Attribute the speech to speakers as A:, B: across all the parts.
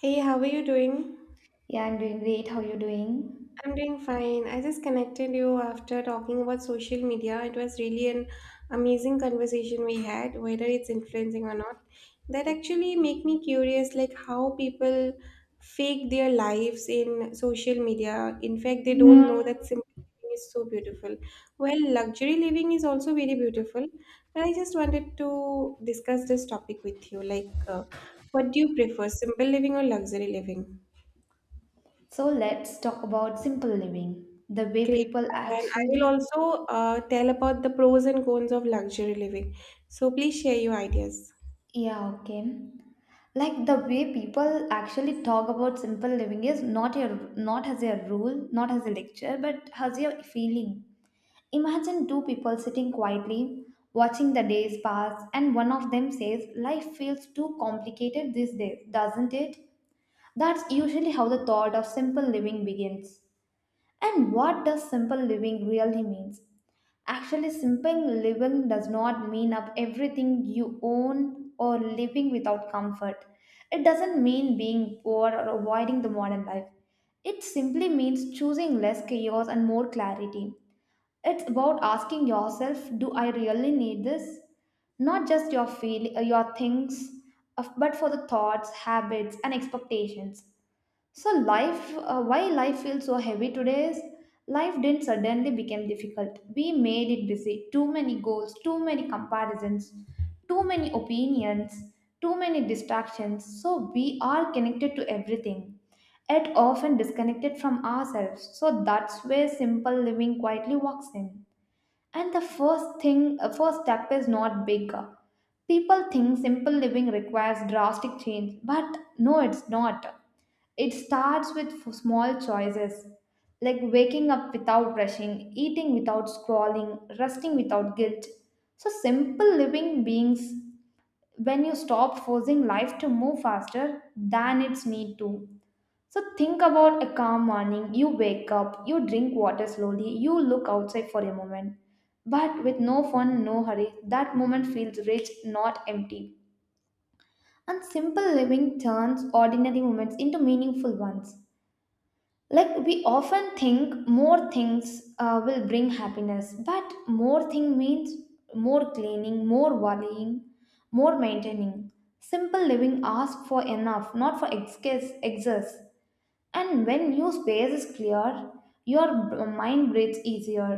A: Hey, how are you doing?
B: Yeah, I'm doing great. How you doing?
A: I'm doing fine. I just connected you after talking about social media. It was really an amazing conversation we had, whether it's influencing or not. That actually make me curious, like how people fake their lives in social media. In fact, they don't know that simple living is so beautiful. Well, luxury living is also very beautiful, but I just wanted to discuss this topic with you. Like, what do you prefer, simple living or luxury living?
B: So let's talk about simple living. The way
A: Great.
B: people
A: Then I
B: actually—
A: will also tell about the pros and cons of luxury living. So please share your ideas.
B: yeah, okay. Like the way people actually talk about simple living is not as a rule, not as a lecture, but as your feeling. Imagine two people sitting quietly, watching the days pass, and one of them says, "Life feels too complicated these days, doesn't it?" That's usually how the thought of simple living begins. And what does simple living really means? Actually, simple living does not mean up everything you own or living without comfort. It doesn't mean being poor or avoiding the modern life. It simply means choosing less chaos and more clarity. It's about asking yourself, do I really need this? Not just your feel, your things, but for the thoughts, habits, and expectations. So why life feels so heavy today is life didn't suddenly become difficult. We made it busy. Too many goals, too many comparisons, too many opinions, too many distractions. So we are connected to everything, yet often disconnected from ourselves. So that's where simple living quietly walks in. And the first step is not bigger. People think simple living requires drastic change, but no, it's not. It starts with small choices like waking up without rushing, eating without scrolling, resting without guilt. So, simple living beings, when you stop forcing life to move faster than its need to. So, think about a calm morning. You wake up, you drink water slowly, you look outside for a moment. But with no phone, no hurry, that moment feels rich, not empty. And simple living turns ordinary moments into meaningful ones. Like, we often think more things will bring happiness, but more thing means more cleaning, more worrying, more maintaining. Simple living asks for enough, not for excess. And when your space is clear, your mind breathes easier.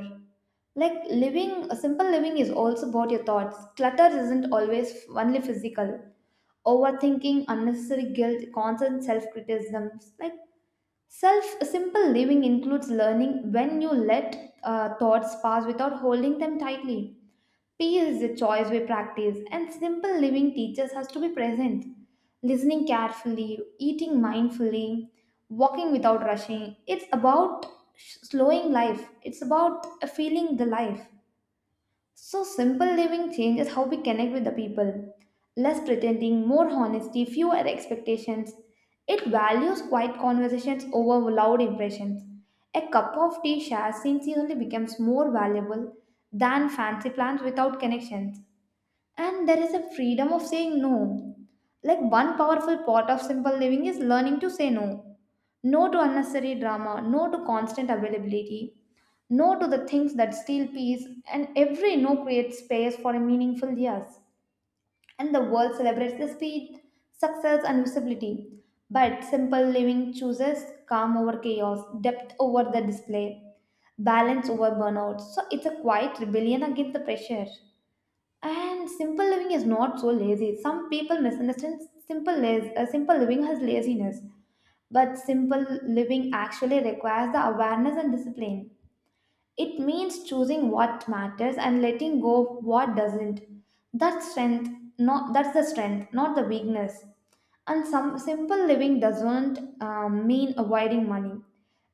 B: Like living, simple living is also about your thoughts. Clutter isn't always only physical. Overthinking, unnecessary guilt, constant self-criticisms, like self. Simple living includes learning when you let thoughts pass without holding them tightly. Peace is a choice we practice, and simple living teaches us to be present, listening carefully, eating mindfully, walking without rushing. It's about slowing life, it's about feeling the life. So, simple living changes how we connect with the people. Less pretending, more honesty, fewer expectations. It values quiet conversations over loud impressions. A cup of tea shared sincerely becomes more valuable than fancy plans without connections. And there is a freedom of saying no. Like one powerful part of simple living is learning to say no. No to unnecessary drama, no to constant availability, no to the things that steal peace, and every no creates space for a meaningful yes. And the world celebrates the speed, success, and visibility. But simple living chooses calm over chaos, depth over the display, balance over burnout. So it's a quiet rebellion against the pressure. And simple living is not so lazy. Some people misunderstand simple living as laziness, but simple living actually requires the awareness and discipline. It means choosing what matters and letting go of what doesn't. That's strength. Not— that's the strength, not the weakness. And some simple living doesn't mean avoiding money.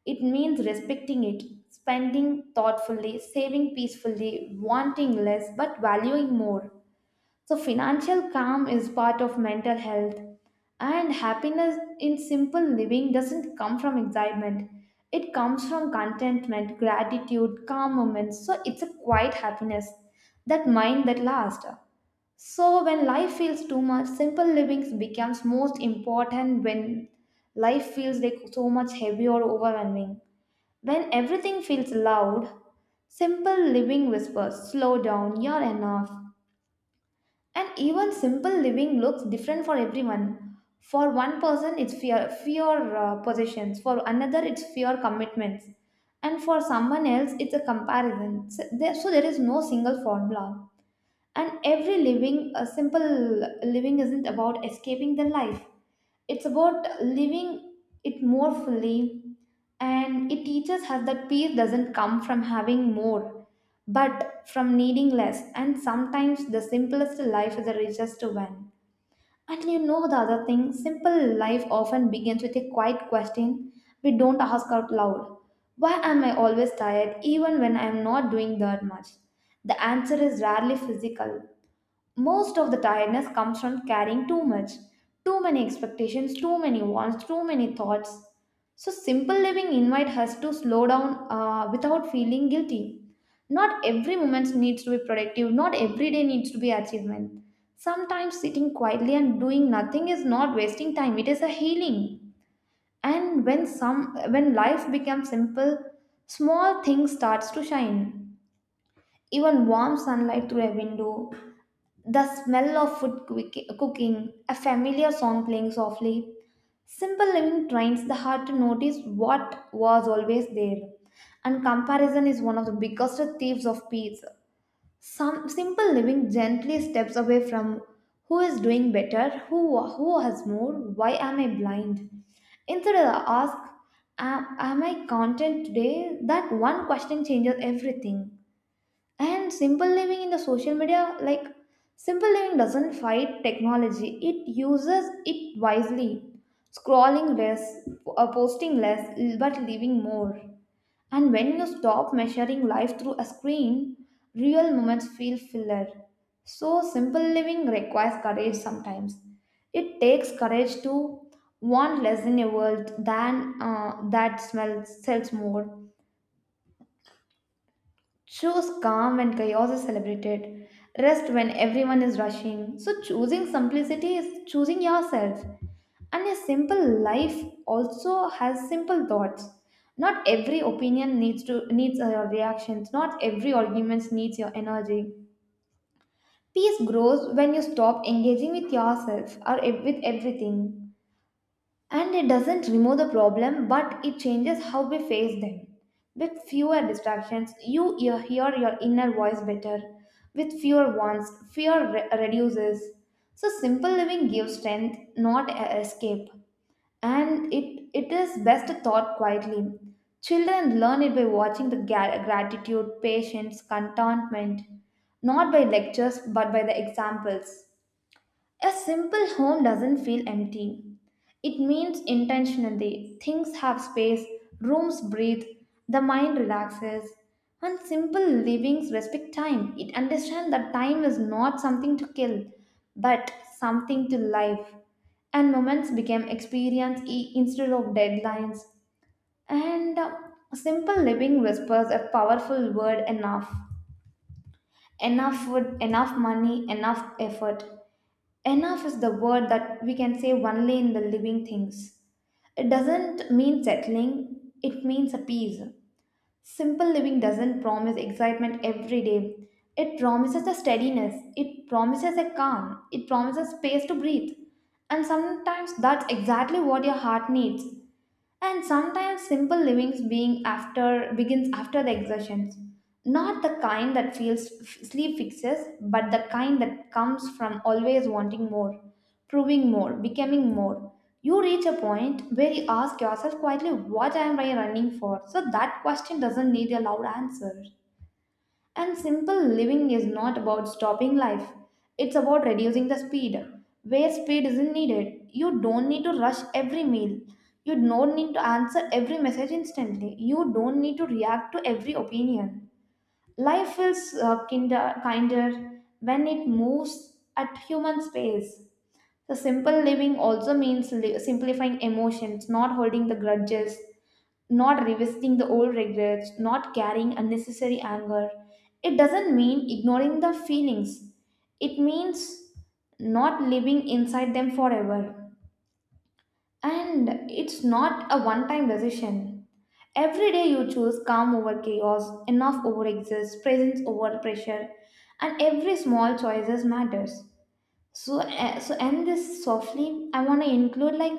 B: It means respecting it, spending thoughtfully, saving peacefully, wanting less but valuing more. So, financial calm is part of mental health, and happiness in simple living doesn't come from excitement. It comes from contentment, gratitude, calm moments. So, it's a quiet happiness, that mind that lasts. So, when life feels too much, simple living becomes most important when life feels like so much heavy or overwhelming. When everything feels loud, simple living whispers slow down, you're enough. And even simple living looks different for everyone. For one person, it's fear possessions. For another, it's fear commitments. And for someone else, it's a comparison. So there is no single formula. And every living, a simple living isn't about escaping the life, it's about living it more fully. And it teaches us that peace doesn't come from having more, but from needing less. And sometimes the simplest life is the richest one. And you know, the other thing, simple life often begins with a quiet question we don't ask out loud: why am I always tired even when I am not doing that much? The answer is rarely physical. Most of the tiredness comes from carrying too much, too many expectations, too many wants, too many thoughts. So simple living invites us to slow down without feeling guilty. Not every moment needs to be productive, not every day needs to be achievement. Sometimes sitting quietly and doing nothing is not wasting time, it is a healing. And when life becomes simple, small things starts to shine. Even warm sunlight through a window, the smell of food cooking, a familiar song playing softly. Simple living trains the heart to notice what was always there, and comparison is one of the biggest thieves of peace. Some simple living gently steps away from who is doing better, who has more, why am I blind? Instead of ask, am I content today? That one question changes everything. And simple living in the social media, like simple living doesn't fight technology, it uses it wisely. Scrolling less, posting less, but living more. And when you stop measuring life through a screen, real moments feel fuller. So, simple living requires courage sometimes. It takes courage to want less in a world than that smells, sells more. Choose calm when chaos is celebrated, rest when everyone is rushing. So, choosing simplicity is choosing yourself. And a simple life also has simple thoughts. Not every opinion needs your reactions. Not every argument needs your energy. Peace grows when you stop engaging with yourself or with everything. And it doesn't remove the problem, but it changes how we face them. With fewer distractions, you hear your inner voice better. With fewer wants, reduces. So simple living gives strength, not a- escape. And it is best thought quietly. Children learn it by watching the gratitude, patience, contentment, not by lectures but by the examples. A simple home doesn't feel empty. It means intentionally things have space, rooms breathe, the mind relaxes. And simple livings respect time. It understands that time is not something to kill, but something to live. And moments become experience instead of deadlines. And simple living whispers a powerful word: enough. Enough food, enough money, enough effort. Enough is the word that we can say only in the living things. It doesn't mean settling, it means a peace. Simple living doesn't promise excitement every day. It promises a steadiness, it promises a calm, it promises space to breathe. And sometimes that's exactly what your heart needs. And sometimes simple livings being after begins after the exertions. Not the kind that feels sleep fixes, but the kind that comes from always wanting more, proving more, becoming more. You reach a point where you ask yourself quietly, what am I running for? So that question doesn't need a loud answer. And simple living is not about stopping life, it's about reducing the speed. Where speed isn't needed, you don't need to rush every meal. You don't need to answer every message instantly. You don't need to react to every opinion. Life feels kinder when it moves at human pace. So simple living also means simplifying emotions, not holding the grudges, not revisiting the old regrets, not carrying unnecessary anger. It doesn't mean ignoring the feelings. It means not living inside them forever. And it's not a one time decision. Every day you choose calm over chaos, enough over excess, presence over pressure, and every small choices matters. So, so end this softly. I want to include, like,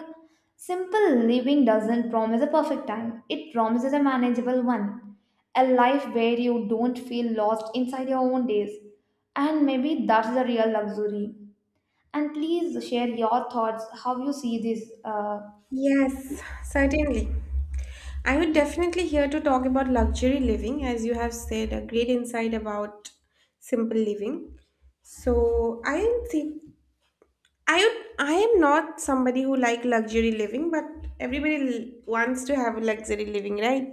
B: simple living doesn't promise a perfect time. It promises a manageable one, a life where you don't feel lost inside your own days, and maybe that's the real luxury. And please share your thoughts, how you see this.
A: Yes, certainly. I would definitely here to talk about luxury living, as you have said a great insight about simple living. So I am see, I would, I am not somebody who like luxury living, but everybody wants to have a luxury living, right?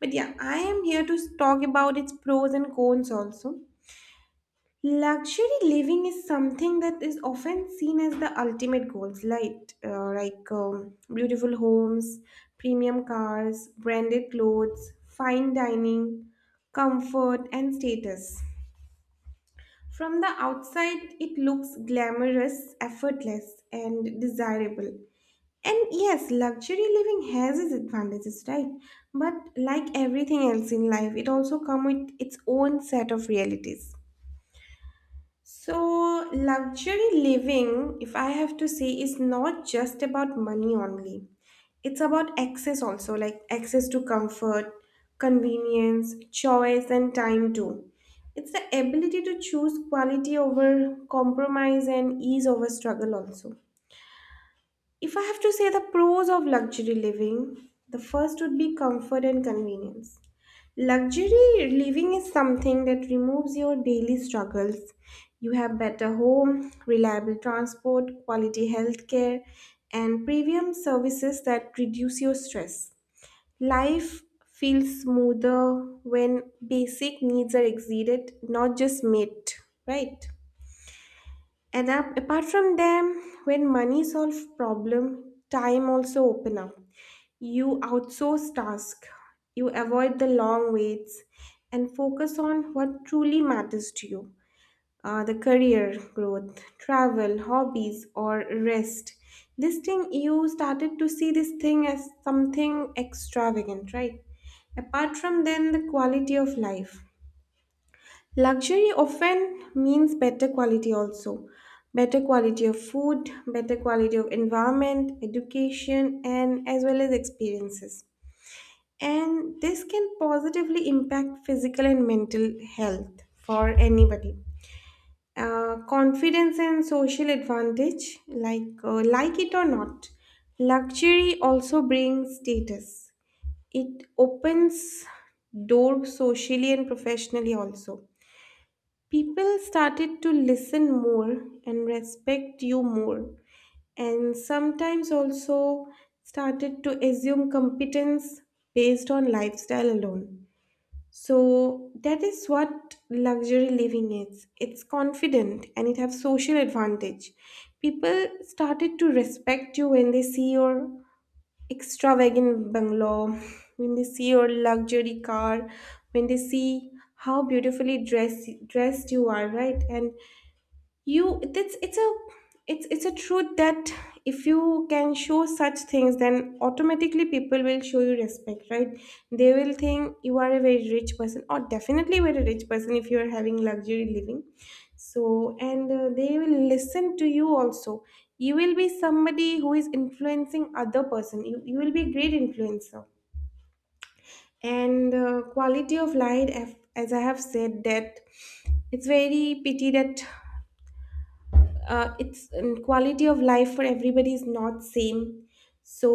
A: But yeah, I am here to talk about its pros and cons also. Luxury living is something that is often seen as the ultimate goals, like, like beautiful homes, premium cars, branded clothes, fine dining, comfort, and status. From the outside, it looks glamorous, effortless, and desirable. And yes, luxury living has its advantages, right? But like everything else in life, it also comes with its own set of realities. So, luxury living, if I have to say, is not just about money only. It's about access also, like access to comfort, convenience, choice, and time too. It's the ability to choose quality over compromise and ease over struggle also. If I have to say the pros of luxury living, the first would be comfort and convenience. Luxury living is something that removes your daily struggles. You have better home, reliable transport, quality healthcare, and premium services that reduce your stress. Life feels smoother when basic needs are exceeded, not just met, right? And apart from them, when money solves problem, time also open up. You outsource tasks, you avoid the long waits, and focus on what truly matters to you the career, growth, travel, hobbies, or rest. This thing, you started to see this thing as something extravagant, right? Apart from then, the quality of life. Luxury often means better quality also. Better quality of food, better quality of environment, education, and as well as experiences, and this can positively impact physical and mental health for anybody, confidence and social advantage. Like, like it or not, luxury also brings status. It opens doors socially and professionally also. People started to listen more and respect you more, and sometimes also started to assume competence based on lifestyle alone. So that is what luxury living is. It's confident and it has social advantage. People started to respect you when they see your extravagant bungalow, when they see your luxury car, when they see how dressed you are, right? And you it's a truth that if you can show such things, then automatically people will show you respect, right? They will think you are a very rich person, or definitely very rich person if you are having luxury living. So, and they will listen to you also. You will be somebody who is influencing other person. You will be a great influencer. And quality of life, as I have said that, it's very pity that, it's, and quality of life for everybody is not same. So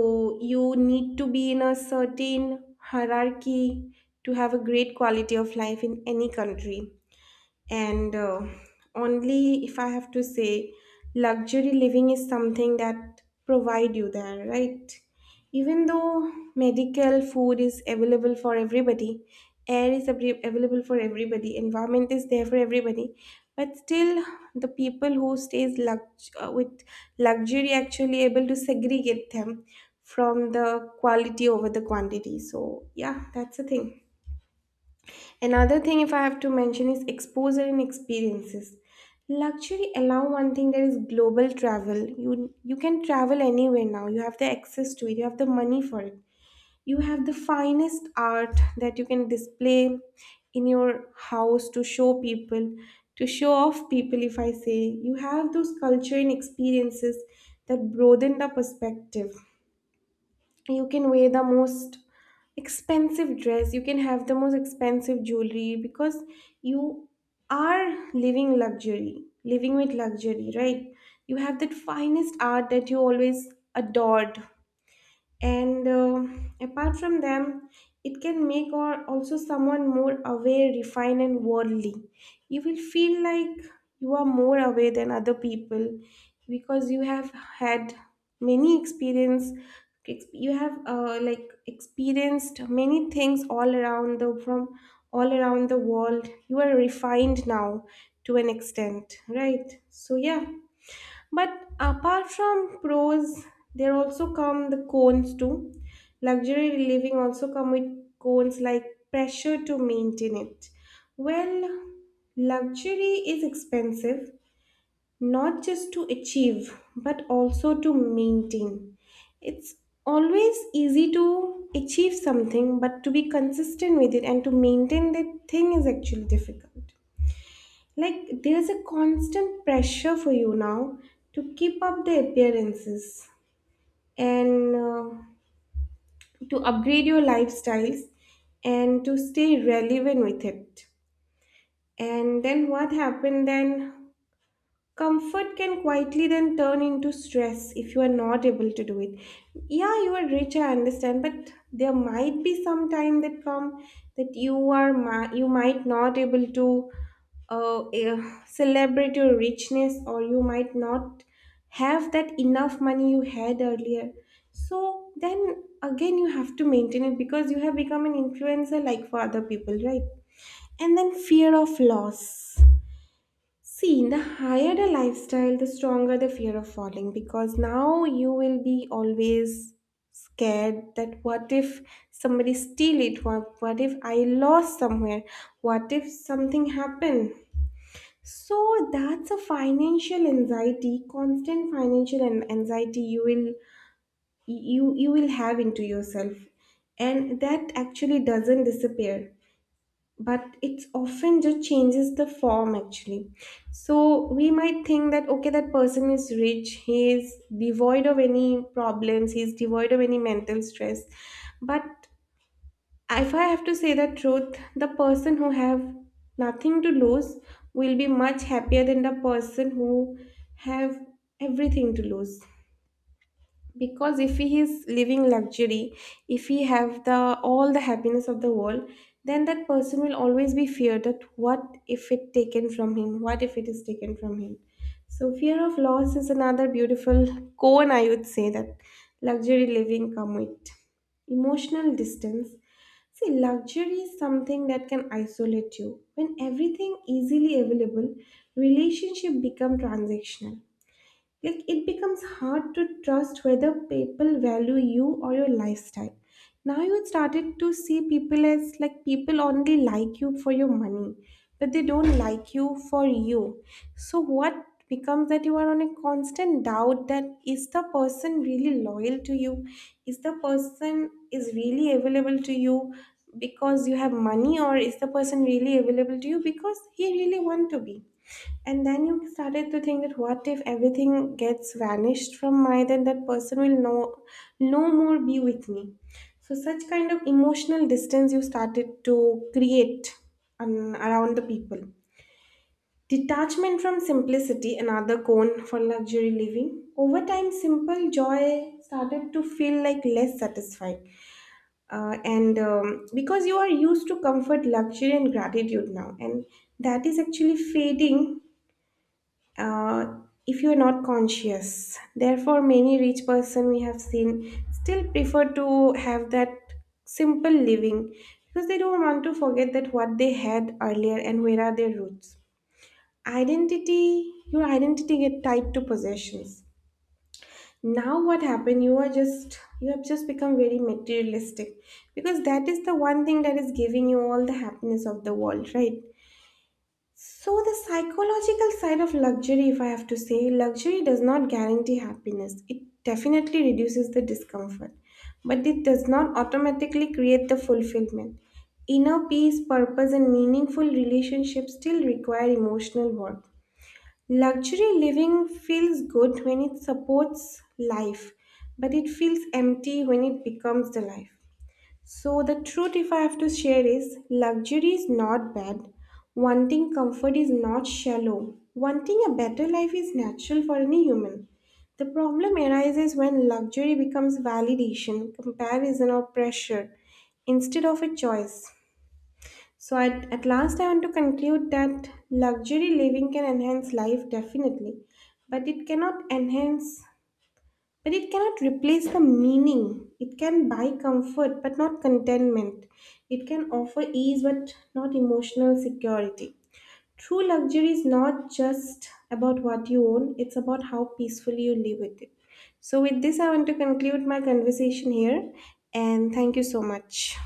A: you need to be in a certain hierarchy to have a great quality of life in any country. And only if I have to say, luxury living is something that provide you there, right? Even though medical food is available for everybody, air is available for everybody, environment is there for everybody, but still the people who stays with luxury actually able to segregate them from the quality over the quantity. So yeah, that's the thing. Another thing, if I have to mention, is exposure and experiences. Luxury allow one thing, that is global travel. You can travel anywhere now. You have the access to it. You have the money for it. You have the finest art that you can display in your house to show people, to show off people. If I say you have those culture and experiences that broaden the perspective, you can wear the most expensive dress, you can have the most expensive jewelry, because you are living luxury living with luxury, right? You have that finest art that you always adored. And apart from them, it can make or also someone more aware, refined, and worldly. You will feel like you are more aware than other people because you have had many experience, you have like experienced many things all around the, from all around the world. You are refined now to an extent, right? So yeah. But apart from pros, there also come the cons too. Luxury living also come with cons like pressure to maintain it. Well, luxury is expensive, not just to achieve, but also to maintain. It's always easy to achieve something, but to be consistent with it and to maintain that thing is actually difficult. Like, there's a constant pressure for you now to keep up the appearances, and to upgrade your lifestyles and to stay relevant with it. And then what happened then? Comfort can quietly then turn into stress if you are not able to do it. Yeah, you are rich, I understand, but there might be some time that come that you are you might not able to uh, eh, celebrate your richness, or you might not have that enough money you had earlier. So then again, you have to maintain it because you have become an influencer like for other people, right? And then fear of loss. See, the higher the lifestyle, the stronger the fear of falling, because now you will be always scared that what if somebody steal it? What if I lost somewhere? What if something happened? So that's a financial anxiety, constant financial anxiety you will, you will have into yourself, and that actually doesn't disappear, but it's often just changes the form actually. So we might think that okay, that person is rich, he is devoid of any problems, he is devoid of any mental stress, but if I have to say the truth, the person who have nothing to lose will be much happier than the person who have everything to lose. Because if he is living luxury, if he have the all the happiness of the world, then that person will always be feared that what if it taken from him, what if it is taken from him. So fear of loss is another beautiful con, I would say, that luxury living come with. Emotional distance. See, luxury is something that can isolate you. When everything easily available, relationship become transactional. Like, it becomes hard to trust whether people value you or your lifestyle. Now you started to see people as like, people only like you for your money, but they don't like you for you. So what becomes that you are on a constant doubt that, is the person really loyal to you? Is the person is really available to you because you have money, or is the person really available to you because he really want to be? And then you started to think that what if everything gets vanished from my, then that person will no, no more be with me. So such kind of emotional distance you started to create around the people. Detachment from simplicity, another cone for luxury living. Over time, simple joy started to feel like less satisfying. And because you are used to comfort, luxury, and gratitude now, and that is actually fading uh, if you're not conscious. Therefore, many rich person we have seen still prefer to have that simple living, because they don't want to forget that what they had earlier and where are their roots. Identity, your identity get tied to possessions. Now what happened? You have just become very materialistic, because that is the one thing that is giving you all the happiness of the world, right? So, the psychological side of luxury, if I have to say, luxury does not guarantee happiness. It definitely reduces the discomfort, but it does not automatically create the fulfillment. Inner peace, purpose, and meaningful relationships still require emotional work. Luxury living feels good when it supports life, but it feels empty when it becomes the life. So, the truth, if I have to share, is luxury is not bad. Wanting comfort is not shallow. Wanting a better life is natural for any human. The problem arises when luxury becomes validation, comparison, or pressure instead of a choice. So, at last, I want to conclude that luxury living can enhance life definitely, but it cannot enhance, but it cannot replace the meaning. It can buy comfort but not contentment. It can offer ease but not emotional security. True luxury is not just about what you own, it's about how peacefully you live with it. So, with this, I want to conclude my conversation here and thank you so much.